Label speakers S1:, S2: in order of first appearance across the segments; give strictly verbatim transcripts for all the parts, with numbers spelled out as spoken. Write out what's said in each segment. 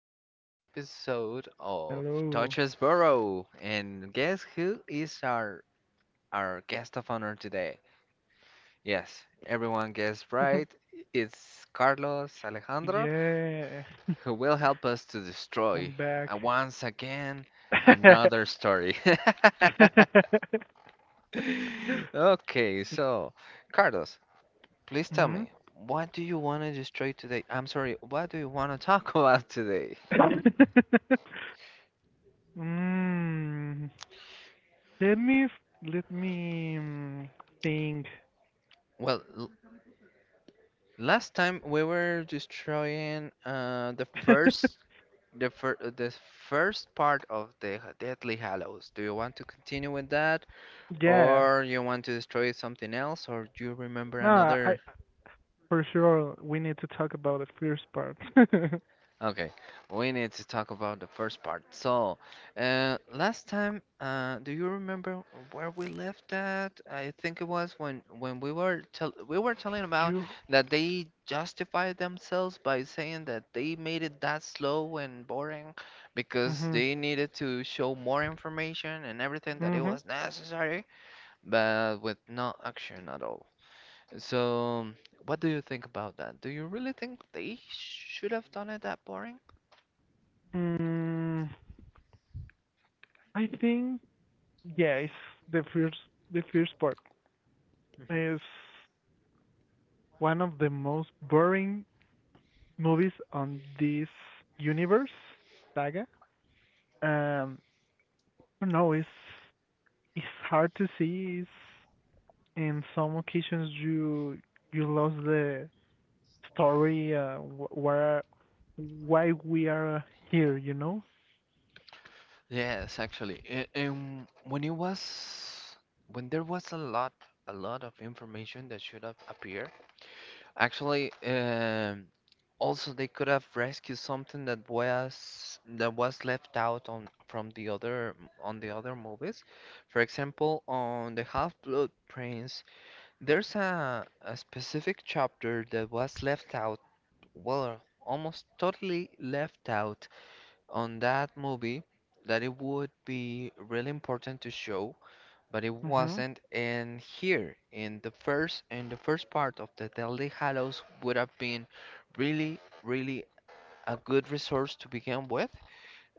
S1: another episode of
S2: Hello.
S1: Touches Burrow. And guess who is our our guest of honor today? Yes, everyone guessed right. It's Carlos Alejandro
S2: Yeah,
S1: who will help us to
S2: I'm
S1: destroy uh,
S2: back.
S1: once again another story. Okay, so Carlos, please tell
S2: Hmm.
S1: me, what do you want to destroy today? I'm sorry, what do you want to talk about today?
S2: Mm. Let me let me mm, think.
S1: Well, last time we were destroying uh the first the first, the first part of the H- Deathly Hallows. Do you want to continue with that,
S2: Yeah.
S1: or you want to destroy something else, or do you remember
S2: No, I
S1: another?
S2: for sure we need to talk about the first part.
S1: Okay, we need to talk about the first part. So, uh, last time, uh, do you remember where we left at? I think it was when when we were tell we were telling about
S2: You.
S1: that they justified themselves by saying that they made it that slow and boring because
S2: Mhm.
S1: they needed to show more information and everything that it
S2: Mhm.
S1: was necessary, but with no action at all. So, what do you think about that? Do you really think they should have done it that boring?
S2: Mm, I think yeah, it's the first the first part is one of the most boring movies on this universe saga. Um, I don't know. It's it's hard to see. It's, in some occasions you you lost the story. Uh, where why we are here? You know.
S1: Yes, actually. a- And when it was when there was a lot a lot of information that should have appeared, actually, um, also they could have rescued something that was that was left out on from the other on the other movies. For example, on the Half-Blood Prince, there's a, a specific chapter that was left out, well, almost totally left out on that movie that it would be really important to show, but it
S2: Mhm.
S1: wasn't. And here in the first in the first part of the Deadly Hallows would have been really, really a good resource to begin with,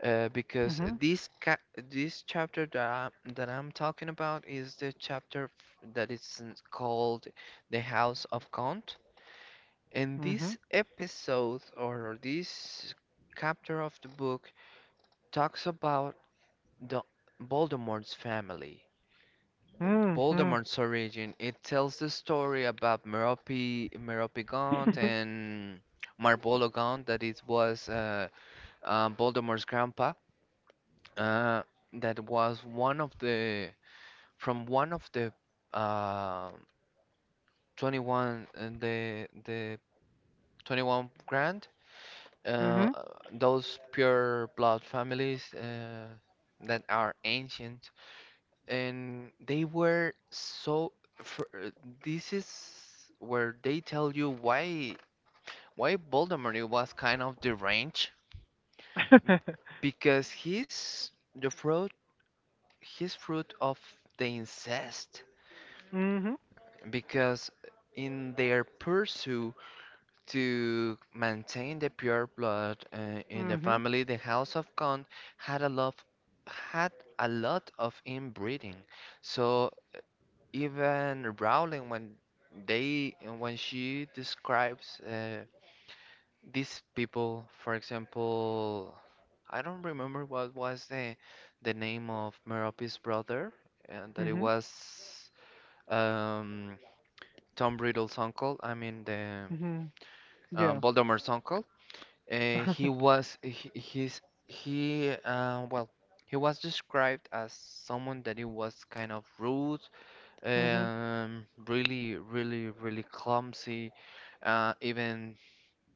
S1: uh, because
S2: Mhm.
S1: this ca this chapter that I'm, that I'm talking about is the chapter f- that is called The House of Count. And
S2: Mhm.
S1: this episode or this chapter of the book talks about the Voldemort's family.
S2: Mhm.
S1: Voldemort's origin. It tells the story about Merope, Meropegant and Marbolo Gaunt, that it was uh, uh, Voldemort's grandpa. Uh, that was one of the from one of the uh, twenty-one and the the twenty-one grand. Uh,
S2: Mhm.
S1: those pure blood families uh, that are ancient and they were so for, this is where they tell you why why Voldemort was kind of deranged because he's the fruit his fruit of the incest,
S2: Mhm.
S1: because in their pursuit to maintain the pure blood uh, in the
S2: Mhm.
S1: family, the house of Khan had a lot had a lot of inbreeding. So even Rowling, when they when she describes uh, these people, for example, I don't remember what was the the name of Merope's brother, and that it
S2: Mhm.
S1: was um, Tom Riddle's uncle. I mean the
S2: Mhm.
S1: um,
S2: Yeah.
S1: Voldemort's uncle. Uh, he was he, he's he uh, well he was described as someone that he was kind of rude,
S2: Mhm.
S1: um, really, really, really clumsy. Uh, even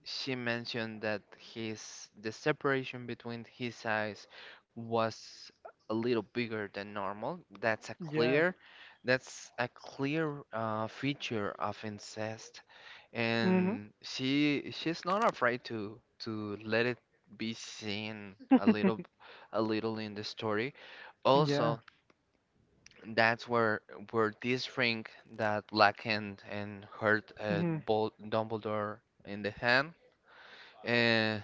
S1: she mentioned that his the separation between his eyes was a little bigger than normal. That's a
S2: Yeah.
S1: clear, that's a clear uh, feature of incest,
S2: Mhm.
S1: and she she's not afraid to to let it be seen a little, a little in the story.
S2: Yeah.
S1: Also, that's where where this ring that Black Hand and hurt uh,
S2: Mhm.
S1: Bol Dumbledore in the hand. Uh,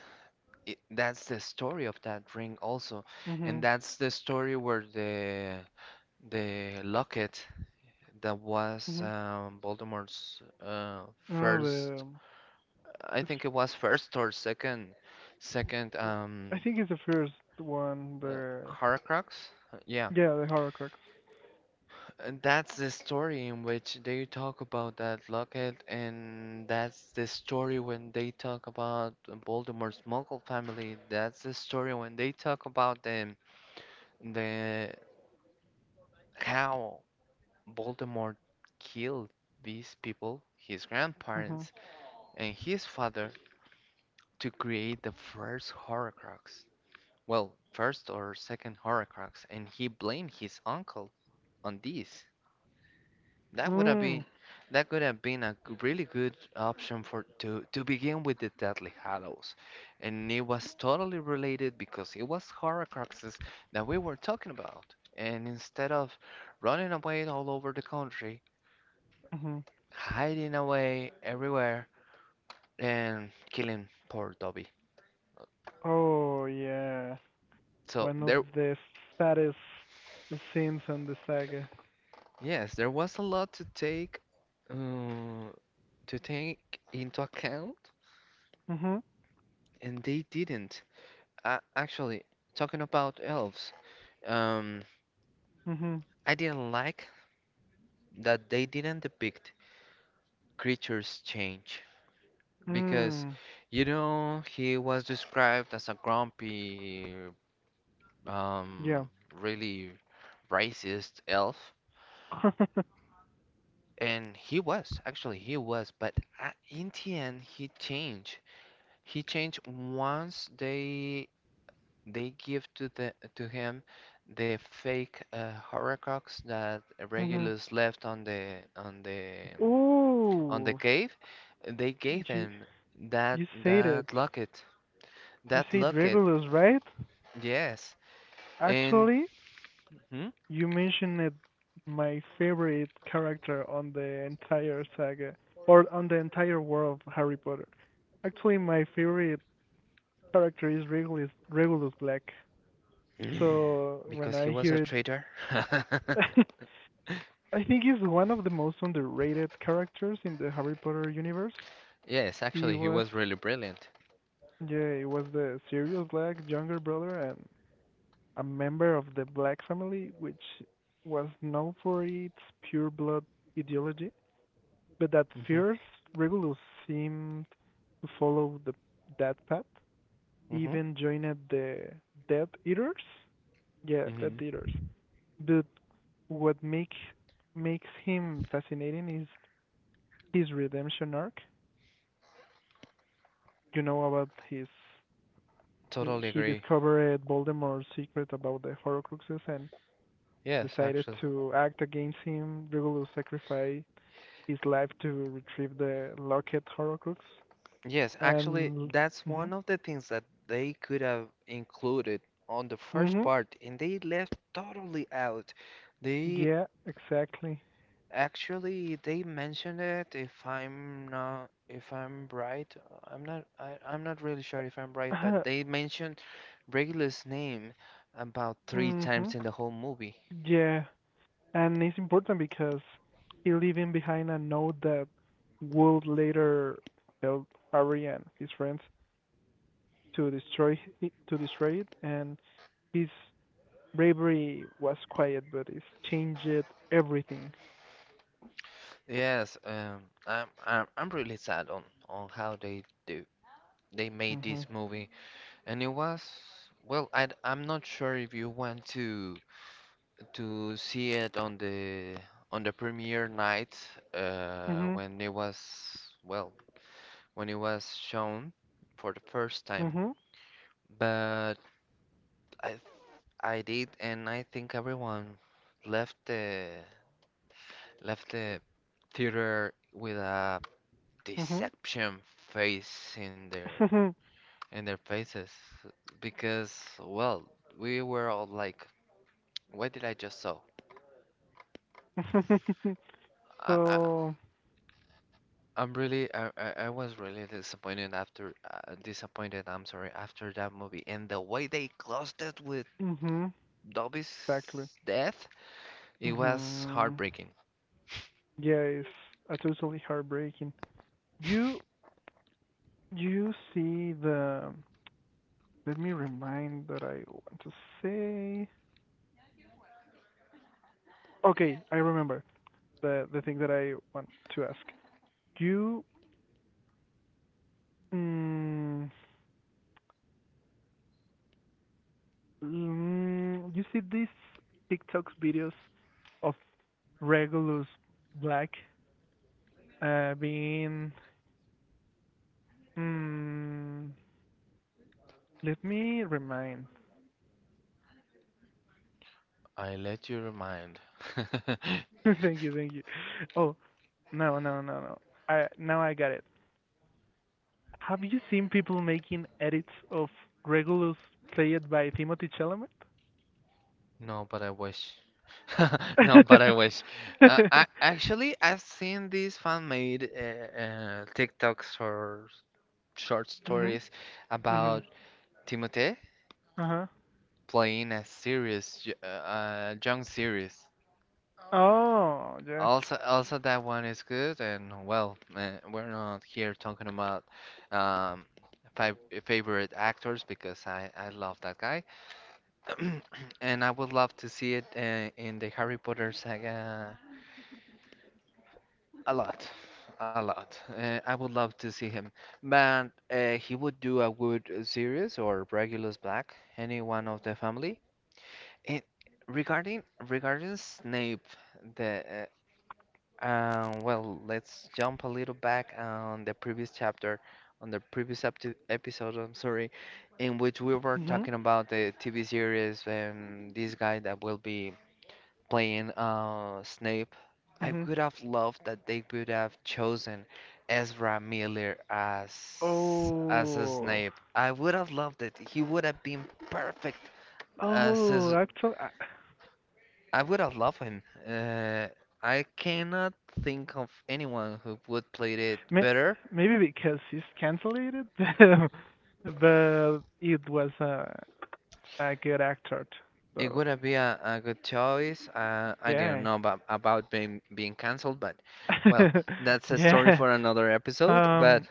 S1: it, that's the story of that ring also, and
S2: Mhm.
S1: that's the story where the the locket that was
S2: Mhm.
S1: um, Voldemort's uh,
S2: Oh, the,
S1: first,
S2: um,
S1: I
S2: the f-
S1: think it was first or second, second
S2: w- I
S1: um,
S2: think it's the first one.
S1: uh,
S2: The
S1: Horcrux. Yeah,
S2: yeah, the Horcrux.
S1: and that's the story in which they talk about that locket, and that's the story when they talk about Voldemort's Muggle family. That's the story when they talk about them, the how Voldemort killed these people, his
S2: Mhm.
S1: grandparents, and his father to create the first Horcrux. Well, first or second Horcrux, and he blamed his uncle on this. That would have
S2: Mm.
S1: been that could have been a g- really good option for to to begin with the Deathly Hallows. And it was totally related because it was Horcruxes that we were talking about. And instead of running away all over the country,
S2: Mhm.
S1: hiding away everywhere and killing poor Dobby.
S2: Oh yeah,
S1: So
S2: one of
S1: there,
S2: the saddest scenes on the saga.
S1: yes, there was a lot to take uh, to take into account,
S2: Mhm.
S1: and they didn't. Uh, actually, talking about elves. Um,
S2: Mhm.
S1: I didn't like that they didn't depict creatures' change, because,
S2: Mm.
S1: you know, he was described as a grumpy,
S2: Yeah.
S1: um, really racist elf, and he was actually he was, but a- in the end he changed. He changed once they they give to the to him the fake uh, horcrux that
S2: Mhm.
S1: Regulus left on the on the um, on the
S2: Ooh,
S1: cave. They gave
S2: you
S1: him that
S2: you said it.
S1: that locket.
S2: You
S1: That
S2: said
S1: locket,
S2: Regulus, right?
S1: yes. And
S2: Actually,
S1: hmm?
S2: You mentioned it, my favorite character on the entire saga, or on the entire world of Harry Potter. Actually, my favorite character is Regulus, Regulus Black. So when
S1: because he
S2: I
S1: was a
S2: hear it,
S1: traitor.
S2: I think he's one of the most underrated characters in the Harry Potter universe.
S1: Yes,
S2: He
S1: actually, he
S2: was,
S1: was really brilliant.
S2: yeah, he was the Sirius Black younger brother and a member of the Black family, which was known for its pure blood ideology. But at
S1: Hmm.
S2: first, Regulus seemed to follow the, that path. He
S1: Hmm.
S2: even joined the Death Eaters. Yeah, Death
S1: Hmm.
S2: Eaters. But what make, makes him fascinating is his redemption arc. You know about his.
S1: Totally
S2: He
S1: agree.
S2: discovered Voldemort's secret about the Horcruxes and
S1: Yes,
S2: decided
S1: actually.
S2: to act against him. Regulus sacrificed his life to retrieve the Locket Horcrux.
S1: Yes, actually,
S2: And.
S1: that's
S2: Mm-hmm.
S1: one of the things that they could have included on the first
S2: Mm-hmm.
S1: part, and they left totally out. They
S2: Yeah, exactly.
S1: actually, they mentioned it. If I'm not, if I'm right, I'm not. I, I'm not really sure if I'm right, but they mentioned Regulus' name about three
S2: Hmm.
S1: times in the whole movie.
S2: Yeah, and it's important because he leaving behind a note that would later help Harry and his friends to destroy it- to destroy it, and his bravery was quiet, but it's changed everything.
S1: Yes, um, I'm, I'm. I'm really sad on on how they do. They made
S2: Mhm.
S1: this movie, and it was. Well, I, I'm not sure if you want to to see it on the on the premiere night uh,
S2: Mhm.
S1: when it was, well, when it was shown for the first time.
S2: Mhm.
S1: But I th- I did, and I think everyone left the left the theater with a deception face in their
S2: Mhm.
S1: in their faces, because, well, we were all like, what did I just saw? I, I
S2: So.
S1: I'm really I, I I was really disappointed after uh, disappointed, I'm sorry, after that movie and the way they closed it with
S2: Mhm. Exactly.
S1: Dobby's death. It was
S2: Mhm.
S1: heartbreaking.
S2: Yeah, it's uh, totally heartbreaking. You you see the let me remind that I want to say okay, I remember the the thing that I want to ask. You mm, mm, you see these TikToks videos of Regulus Black uh being mm, let me remind.
S1: I let you remind.
S2: Thank you, thank you. Oh no no no no. I now I got it. Have you seen people making edits of Regulus played by Timothy Chalamet?
S1: No, but I wish. No, but I wish. Uh, I actually I've seen these fan-made uh, uh, TikToks or short
S2: Mhm.
S1: stories
S2: Mhm.
S1: about Timothée
S2: Uh huh.
S1: playing a serious, y- uh, uh, young series.
S2: Oh yeah.
S1: Also, also that one is good. And well, uh, we're not here talking about um, five favorite actors, because I I love that guy. And I would love to see it uh, in the Harry Potter saga a lot, a lot. Uh, I would love to see him, but uh, he would do a good series or Regulus Black, any one of the family. And regarding regarding Snape, the uh, um, well, let's jump a little back on the previous chapter, on the previous epti- episode, I'm sorry, in which we were
S2: Mhm.
S1: talking about the T V series and this guy that will be playing uh, Snape. I
S2: Mhm.
S1: would have loved that they would have chosen Ezra Miller as as a
S2: Oh.
S1: Snape. I would have loved it. He would have been perfect as
S2: Oh,
S1: his,
S2: actually, I-
S1: I would have loved him. Uh, I cannot think of anyone who would play it
S2: may,
S1: better.
S2: maybe because he's cancelled it, but it was a a good actor.
S1: It
S2: So
S1: would have been a, a good choice. Uh, I didn't
S2: yeah.
S1: know about, about being being cancelled, but, well, that's a story
S2: Yeah.
S1: for another episode. But
S2: Um.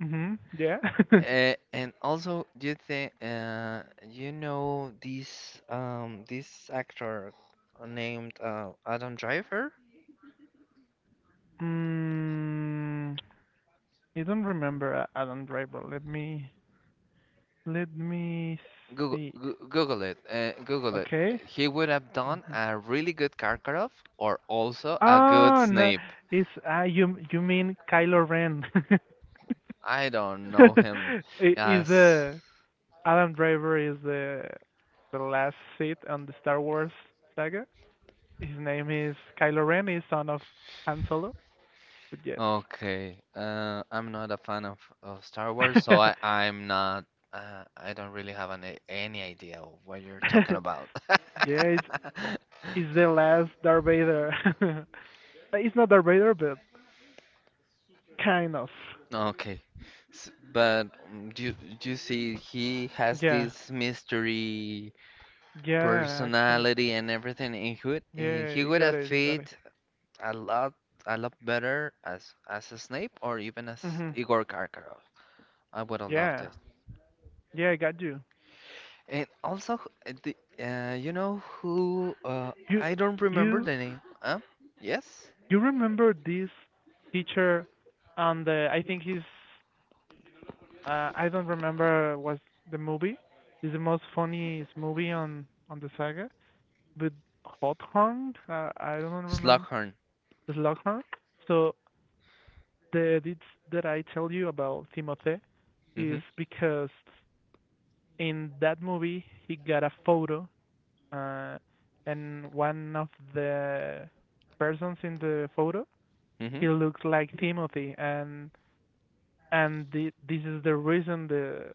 S2: Mhm. Yeah.
S1: Uh, and also, do you think uh, you know this um this actor named uh, Adam Driver?
S2: Mm, I don't remember a- Adam Driver. Let me let me
S1: Google
S2: see.
S1: Goo- Google it. Uh, Google it.
S2: Okay.
S1: He would have done
S2: Um,
S1: a really good Karkaroff or also a good
S2: oh no,
S1: Snape.
S2: it's uh, you you mean Kylo Ren?
S1: I don't know him
S2: I- Is
S1: as.
S2: uh, Adam Driver is the the last Sith on the Star Wars saga? His name is Kylo Ren. He's son of Han Solo. But yes.
S1: Okay, uh, I'm not a fan of, of Star Wars,
S2: Yeah,
S1: so I, I'm not. Uh, I don't really have any, any idea of what you're talking about.
S2: it's, it's the last Darth Vader. It's not Darth Vader, but kind of.
S1: Okay. S but mm, do you, do you see he has
S2: Yeah.
S1: this mystery
S2: Yeah, actually.
S1: personality and everything, and he would he
S2: Yeah,
S1: he
S2: you
S1: would
S2: got
S1: have
S2: it, you got it.
S1: fit a lot a lot better as as a Snape or even as
S2: Mhm.
S1: Igor Karkaroff. I would have loved
S2: Yeah.
S1: it.
S2: Yeah, I got you.
S1: And also uh, the, uh, you know who uh,
S2: You
S1: I don't remember
S2: you
S1: the name. Huh? Yes?
S2: you remember this teacher on the I think he's uh I don't remember was the movie. It's the most funniest movie on on the saga with Slughorn. Uh, I don't remember
S1: Slughorn.
S2: Slughorn. So the edits that I tell you about Timothy
S1: Mm-hmm.
S2: is because in that movie he got a photo uh, and one of the persons in the photo
S1: Mm-hmm.
S2: he looks like Timothy and and the, this is the reason the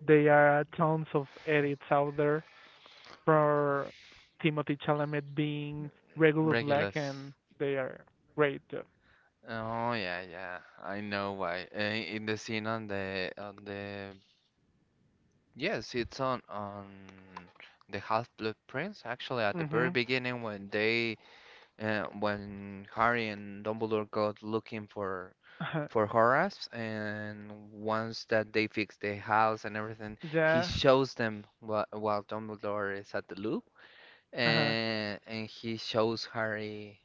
S2: there are tons of edits out there for Timothy Chalamet being regular black
S1: Regulus.
S2: and they are great.
S1: Oh yeah, yeah. I know why. Uh, in the scene on the on the, yes, it's on on the Half-Blood Prince. Actually, at the very
S2: Mhm.
S1: beginning, when they uh, when Harry and Dumbledore go looking for
S2: Uh-huh.
S1: for Horace, and once that they fix the house and everything, he
S2: Yeah.
S1: shows them while, while Dumbledore is at the loop,
S2: Uh-huh.
S1: and and he shows Harry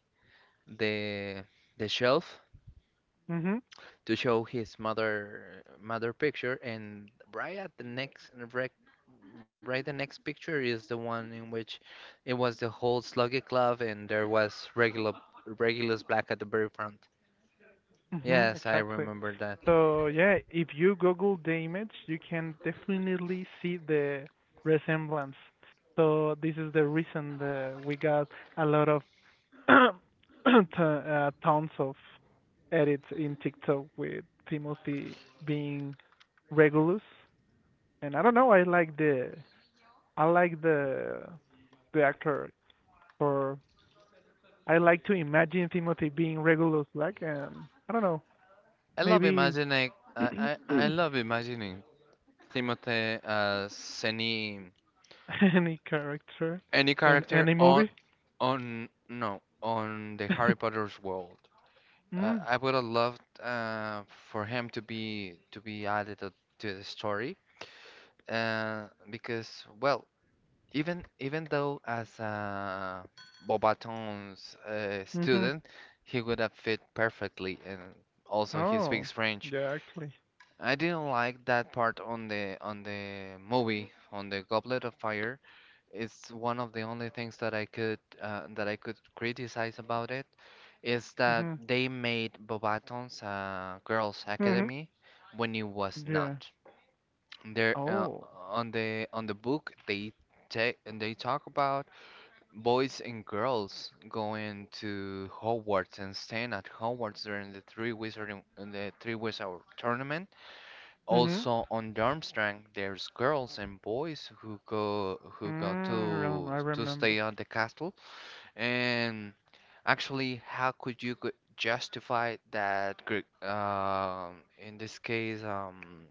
S1: the the shelf
S2: Mhm.
S1: to show his mother mother picture, and right at the next right, right the next picture is the one in which it was the whole Sluggy Club, and there was regular Regulus Black at the very front.
S2: Mm-hmm,
S1: Yes, I
S2: exactly.
S1: remember that.
S2: So yeah, if you Google the image, you can definitely see the resemblance. So this is the reason that we got a lot of t- uh, tons of edits in TikTok with Timothy being Regulus. And I don't know, I like the I like the the actor or I like to imagine Timothy being Regulus Black and I don't know,
S1: I love
S2: maybe
S1: imagining. I, I, I love imagining Timothy as any
S2: any character
S1: any
S2: in
S1: character
S2: any
S1: on
S2: movie?
S1: on no on the Harry Potter's world. Uh,
S2: Mm.
S1: I would have loved uh, for him to be to be added uh, to the story, uh, because, well, even even though as a Bobaton's uh,
S2: Mhm.
S1: student, he would have fit perfectly, and also he
S2: Oh.
S1: speaks French.
S2: Yeah, actually.
S1: I didn't like that part on the on the movie on the Goblet of Fire. It's one of the only things that I could uh, that I could criticize about it is that
S2: Mhm.
S1: they made Bobatons a girls'
S2: Mhm.
S1: academy when it was
S2: Yeah.
S1: not. There uh,
S2: Oh.
S1: on the on the book they take and they talk about boys and girls going to Hogwarts and staying at Hogwarts during the three wizarding in the three wizard tournament.
S2: Mhm.
S1: Also on Durmstrang, there's girls and boys who go who go
S2: Mm, yeah, I
S1: to to
S2: remember.
S1: stay on the castle and actually, how could you go- justify that Gre- um in this case, um,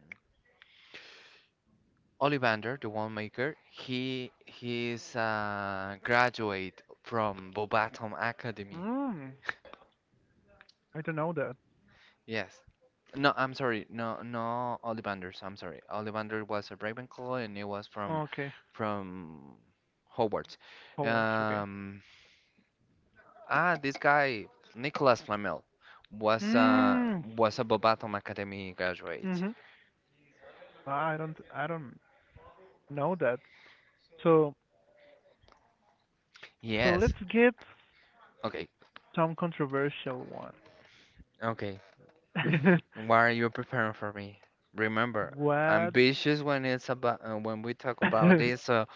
S1: Ollivander, the winemaker, he he is a graduate from Bobatom Academy.
S2: Mm. I don't know that.
S1: Yes. No, I'm sorry. No, no, Ollivanders. I'm sorry. Ollivander was a Ravenclaw, and he was from
S2: Okay.
S1: from Hogwarts.
S2: Forwards. Okay.
S1: Um, ah, this guy, Nicholas Flamel, was a
S2: Mm.
S1: was a Bobatom Academy graduate.
S2: Mhm. I don't. I don't know that. So. So let's
S1: Yes.
S2: get
S1: Okay.
S2: some controversial one.
S1: Okay. What are you preparing for me? Remember,
S2: What?
S1: ambitious when it's about uh, when we talk about this. So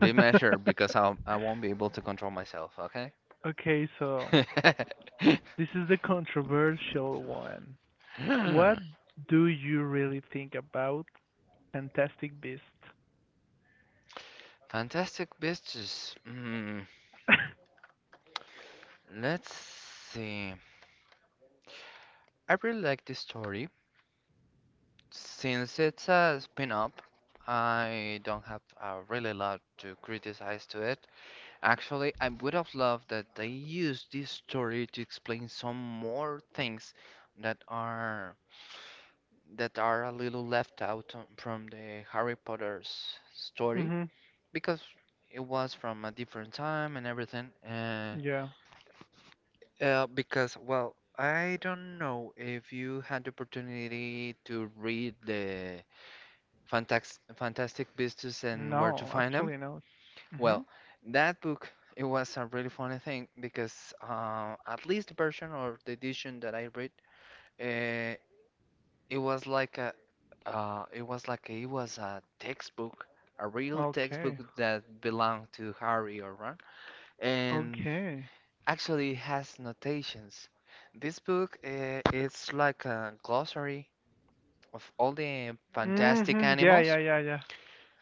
S1: be measured because I I won't be able to control myself. Okay.
S2: Okay, so this is the controversial one. What do you really think about Fantastic Beast?
S1: Fantastic business. Mm, let's see. I really like this story since it's a spin-off. I don't have a really lot to criticize to it. Actually, I would have loved that they used this story to explain some more things that are that are a little left out on- from the Harry Potter's story
S2: Mhm.
S1: because it was from a different time and everything. Uh,
S2: Yeah.
S1: uh, because well, I don't know if you had the opportunity to read the Fantax Fantastic Beasts and Where to
S2: No,
S1: Find Them.
S2: actually no.
S1: Well,
S2: Mhm.
S1: that book, it was a really funny thing because uh, at least the version or the edition that I read, uh, it was like a, uh, it was like it was a textbook, a real textbook
S2: Okay.
S1: that belonged to Harry or Ron, and
S2: Okay.
S1: actually has notations. This book, uh, it's like a glossary of all the fantastic
S2: Mhm. Yeah, yeah,
S1: animals
S2: yeah, yeah.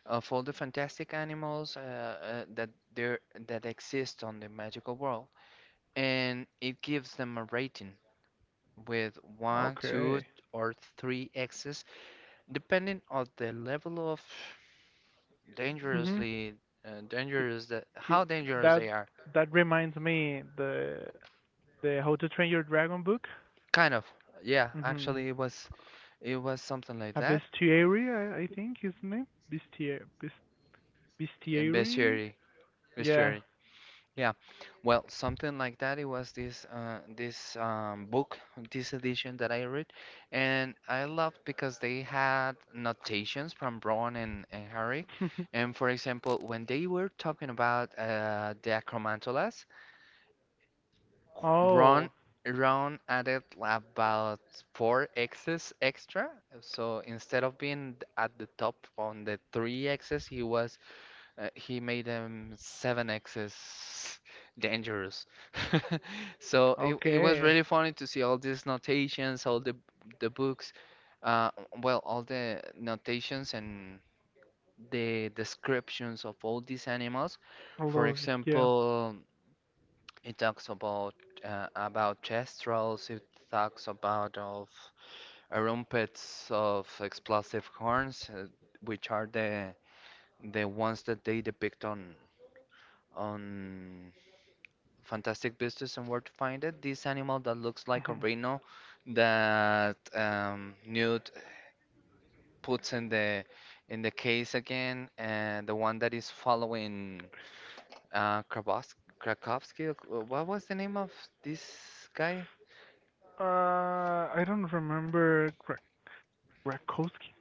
S1: of all the fantastic animals uh, uh, that there that exist on the magical world, and it gives them a rating with one, two,
S2: Okay.
S1: or three X's, depending on the level of
S2: Mhm.
S1: dangerously uh,
S2: He,
S1: dangerous that
S2: he
S1: how dangerous
S2: that
S1: they are.
S2: that reminds me the the How to Train Your Dragon book.
S1: Kind of, yeah. Actually,
S2: Mhm.
S1: it was it was something like
S2: A
S1: that
S2: bestiary, I, I think his name. Bestiary.
S1: in
S2: Bestiary.
S1: bestiary,
S2: Yeah.
S1: bestiary. Yeah, well, something like that. It was this uh, this um, book, this edition that I read, and I loved because they had notations from Ron and, and Harry. And for example, when they were talking about uh, the acromantolas, Ron
S2: Oh,
S1: Ron added about four X's extra. So instead of being at the top on the three X's, he was uh, he made them seven x's dangerous. So it, it was
S2: okay.
S1: really funny to see all these notations, all the the books, uh, well, all the notations and the descriptions of all these animals.
S2: I
S1: For
S2: love this, yeah.
S1: example, it talks about uh, about kestrels, it talks about of uh, rumpets of explosive horns, uh, which are the the ones that they depict on on Fantastic Beasts and Where to Find It. This animal that looks like a
S2: Mhm.
S1: rhino that um, Newt puts in the in the case again, and the one that is following uh, Krabowsk- Krakowski. uh, What was the name of this guy?
S2: Uh, I don't remember Gra Grakowski.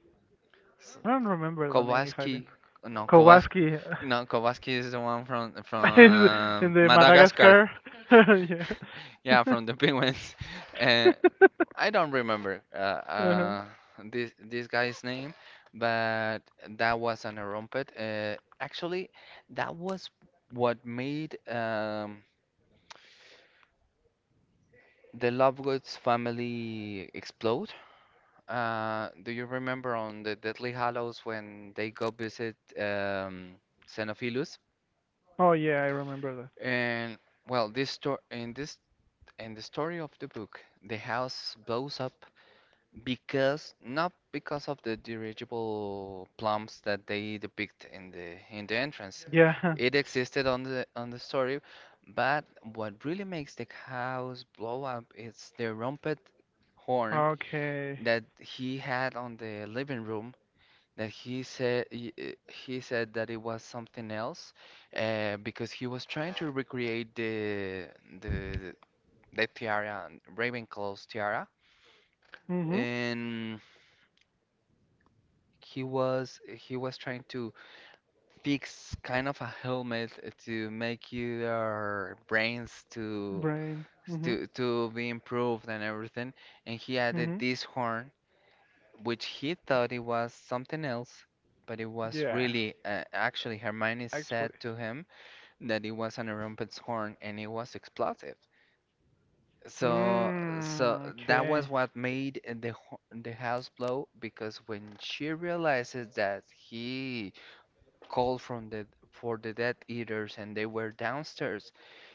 S1: S-
S2: I don't remember the name if I've been.
S1: Kowalski. No, Kowalski.
S2: Kowalski is
S1: No, Kowalski is the one from
S2: in
S1: from
S2: the
S1: Madagascar.
S2: Madagascar.
S1: Yeah,
S2: Yeah.
S1: from the penguins. Uh, I don't remember uh,
S2: Uh-huh.
S1: uh, this this guy's name, but that was an rumpet. Uh, actually, that was what made um, the Lovegoods family explode. Uh, do you remember on the Deadly Hallows when they go visit um, Xenophilus?
S2: Oh yeah, I remember that.
S1: And well, this story in this in the story of the book, the house blows up because not because of the dirigible plums that they depict in the in the entrance.
S2: Yeah.
S1: It existed on the on the story, but what really makes the house blow up is the trumpet horn
S2: Okay.
S1: that he had on the living room that he said he, uh, he said that it was something else uh, because he was trying to recreate the the the tiara, Ravenclaw's tiara,
S2: Mm-hmm.
S1: and he was he was trying to fix kind of a helmet to make your brains to
S2: Brain. Mm-hmm.
S1: to to be improved and everything, and he added
S2: Mm-hmm.
S1: this horn which he thought it was something else, but it was
S2: Yeah,
S1: really uh, actually Hermione said
S2: actually.
S1: to him that it was an Rumpet's horn and it was explosive, so so
S2: Mm,
S1: that was
S2: okay.
S1: what made the ho- the house blow because when she realizes that he called from the for the Dead Eaters and they were downstairs.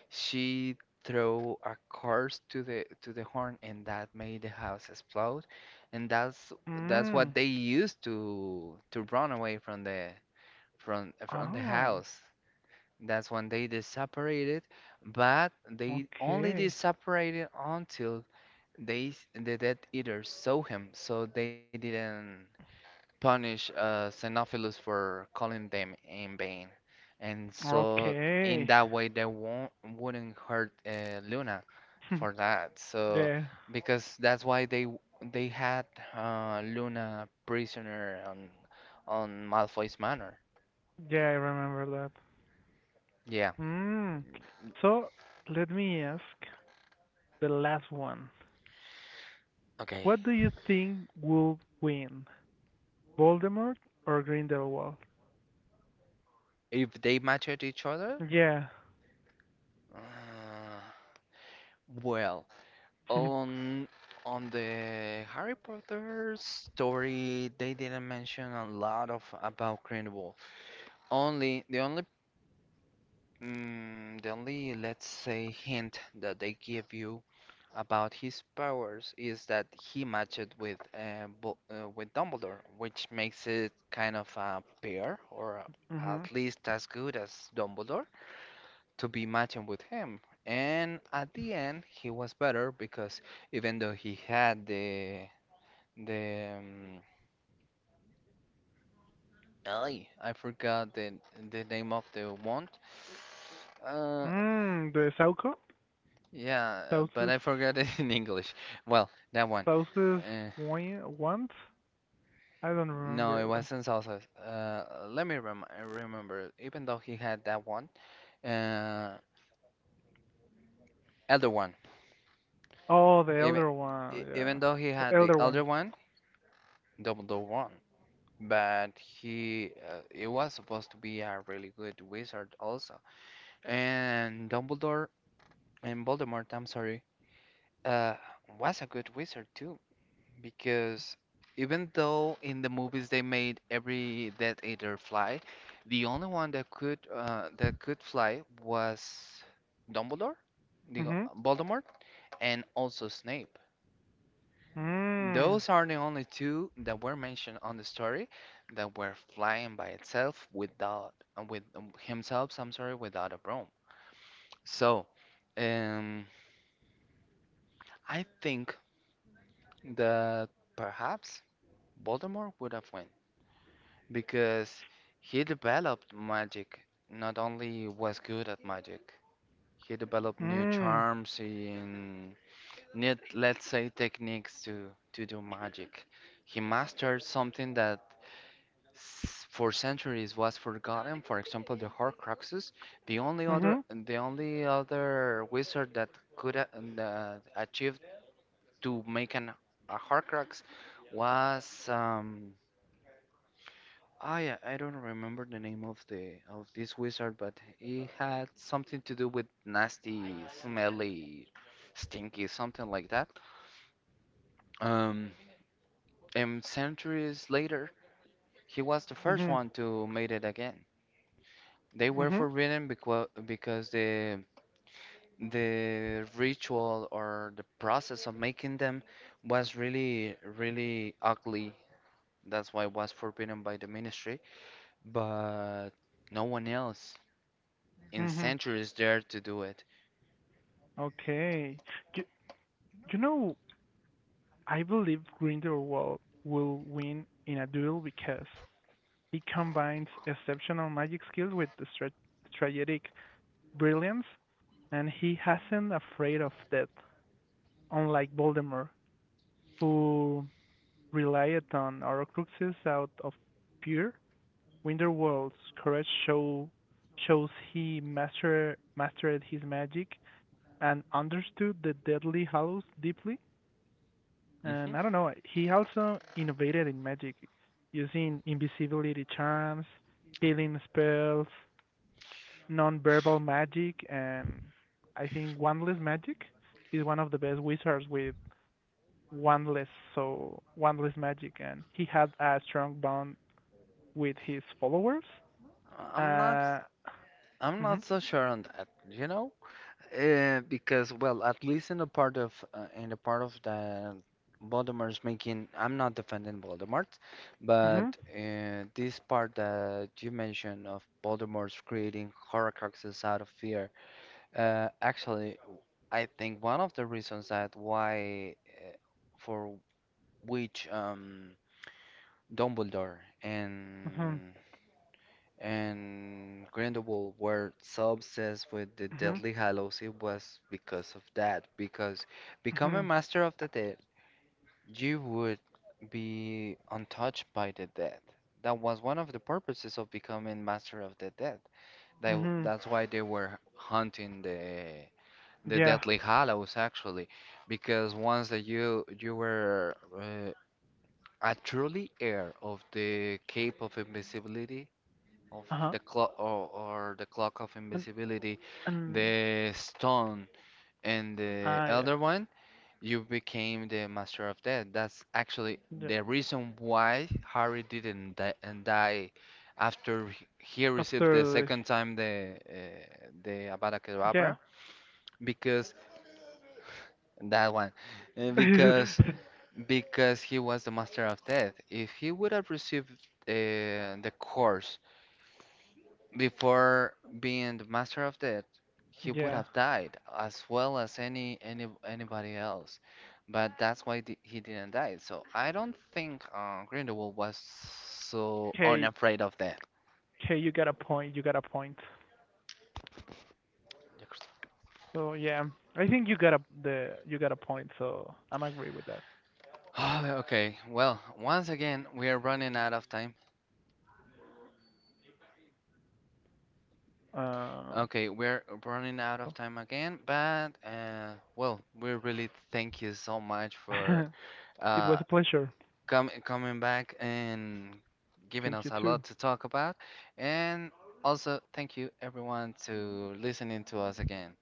S1: She threw a curse to the to the horn, and that made the house explode. And that's that's what
S2: Mm.
S1: they used to to run away from the from from the
S2: Oh.
S1: house. That's when they did separated, but they only did
S2: Okay.
S1: separated until they the Dead Eaters saw him, so they didn't punish uh, Xenophilus for calling them in vain. And so, in
S2: Okay.
S1: that way, they won't wouldn't hurt uh, Luna for that. So,
S2: Yeah.
S1: because that's why they they had uh, Luna prisoner on on Malfoy's Manor.
S2: Yeah, I remember that.
S1: Yeah.
S2: Mm. So let me ask the last one.
S1: Okay.
S2: What do you think will win, Voldemort or Grindelwald?
S1: If they matched each other,
S2: Yeah.
S1: uh, well, on on the Harry Potter story, they didn't mention a lot of about Green Only the only mm, the only, let's say, hint that they give you about his powers is that he matched with uh, Bu- uh, with Dumbledore, which makes it kind of a pair, or
S2: Mhm.
S1: at least as good as Dumbledore to be matching with him. And at the end, he was better because even though he had the the um, ay, I forgot the the name of the wand. Uh,
S2: Mm, the Sauco?
S1: Yeah, but
S2: Sauce's
S1: I forgot it in English. Well, that one.
S2: Sauce's
S1: Uh,
S2: one once? I don't
S1: no, it
S2: remember.
S1: wasn't salsa. Uh, let me rem remember. Even though he had that one, uh, elder one.
S2: Oh, the
S1: Even
S2: elder
S1: e-
S2: one. Yeah,
S1: even though he had the
S2: elder
S1: elder
S2: one.
S1: one, double the one. But he, uh, it was supposed to be a really good wizard also. And Dumbledore and Voldemort, I'm sorry, uh, was a good wizard too. Because even though in the movies they made every Death Eater fly, the only one that could uh, that could fly was Dumbledore, the
S2: Mhm.
S1: Voldemort, and also Snape.
S2: Mm.
S1: Those are the only two that were mentioned on the story that were flying by itself without uh, with um, himself, I'm sorry, without a broom. So, um, I think that perhaps Voldemort would have won, because he developed magic. Not only was good at magic, he developed new
S2: Mm.
S1: charms and new, let's say, techniques to to do magic. He mastered something that s- for centuries was forgotten. For example, the Horcruxes. The only other,
S2: Mhm.
S1: the only other wizard that could a- that achieved to make an a Horcrux was um, I uh, I don't remember the name of the of this wizard, but he had something to do with nasty, smelly, stinky, something like that. Um, and centuries later, he was the first
S2: Mhm.
S1: one to made it again. They were
S2: Mhm.
S1: forbidden because because the the ritual or the process of making them was really really ugly. That's why it was forbidden by the ministry, but no one else in
S2: Mhm.
S1: centuries there to do it.
S2: Okay. You, you know, I believe Grindelwald will win in a duel because he combines exceptional magic skills with the stra strategic brilliance, and he hasn't afraid of death, unlike Voldemort, who relied on Horcruxes out of fear. Grindelwald's courage show, shows he master, mastered his magic and understood the Deadly Hallows deeply.
S1: Hmm.
S2: And I don't know, he also innovated in magic using invisibility charms, healing spells, non-verbal magic, and I think wandless magic. He's one of the best wizards with wandless, so wandless magic, and he had a strong bond with his followers.
S1: I'm not,
S2: Uh,
S1: I'm
S2: mhm,
S1: not so sure on that, you know? Uh, because well, at least in the part of uh, in the part of the Voldemort's making, I'm not defending Voldemort, but
S2: mhm,
S1: uh, this part that you mentioned of Voldemort's creating Horcruxes out of fear, uh, actually, I think one of the reasons that why uh, for which um, Dumbledore
S2: mhm,
S1: and and Grindelwald were so obsessed with the
S2: mhm,
S1: Deathly Hallows, it was because of that. Because become a
S2: mhm,
S1: master of the dead, you would be untouched by the dead. That was one of the purposes of becoming master of the dead. That,
S2: mhm,
S1: that's why they were hunting the the
S2: yeah,
S1: Deathly Hallows, actually, because once that you you were uh, a truly heir of the Cape of Invisibility, of
S2: uh huh,
S1: the clock, or, or the clock of
S2: and
S1: invisibility,
S2: and
S1: the stone and the
S2: ah, yeah.
S1: elder one, you became the master of death. That's actually
S2: Yeah.
S1: the reason why Harry didn't die, and die after he he received the
S2: After
S1: second time the uh, the Avada
S2: the yeah.
S1: Kedavra, because that one Uh, because because he was the master of death. If he would have received uh, the course before being the master of death, he would
S2: Yeah.
S1: have died as well as any, any anybody else. But that's why di- he didn't die. So I don't think uh, Grindelwald was so
S2: Hey,
S1: unafraid of death.
S2: hey, you got a point. You got a point. So yeah, I think you got a the you got a point. So I'm agree with that.
S1: Oh, okay, well, once again, we are running out of time.
S2: Um,
S1: Okay, we're running out of
S2: so
S1: time again, but uh, well, we really thank you so much for
S2: it
S1: uh,
S2: was a pleasure.
S1: com coming back and giving
S2: Thank
S1: us
S2: you
S1: a lot
S2: too.
S1: to talk about. And also, thank you everyone to listening to us again.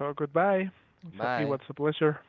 S2: So goodbye. So it was
S1: Bye.
S2: a pleasure.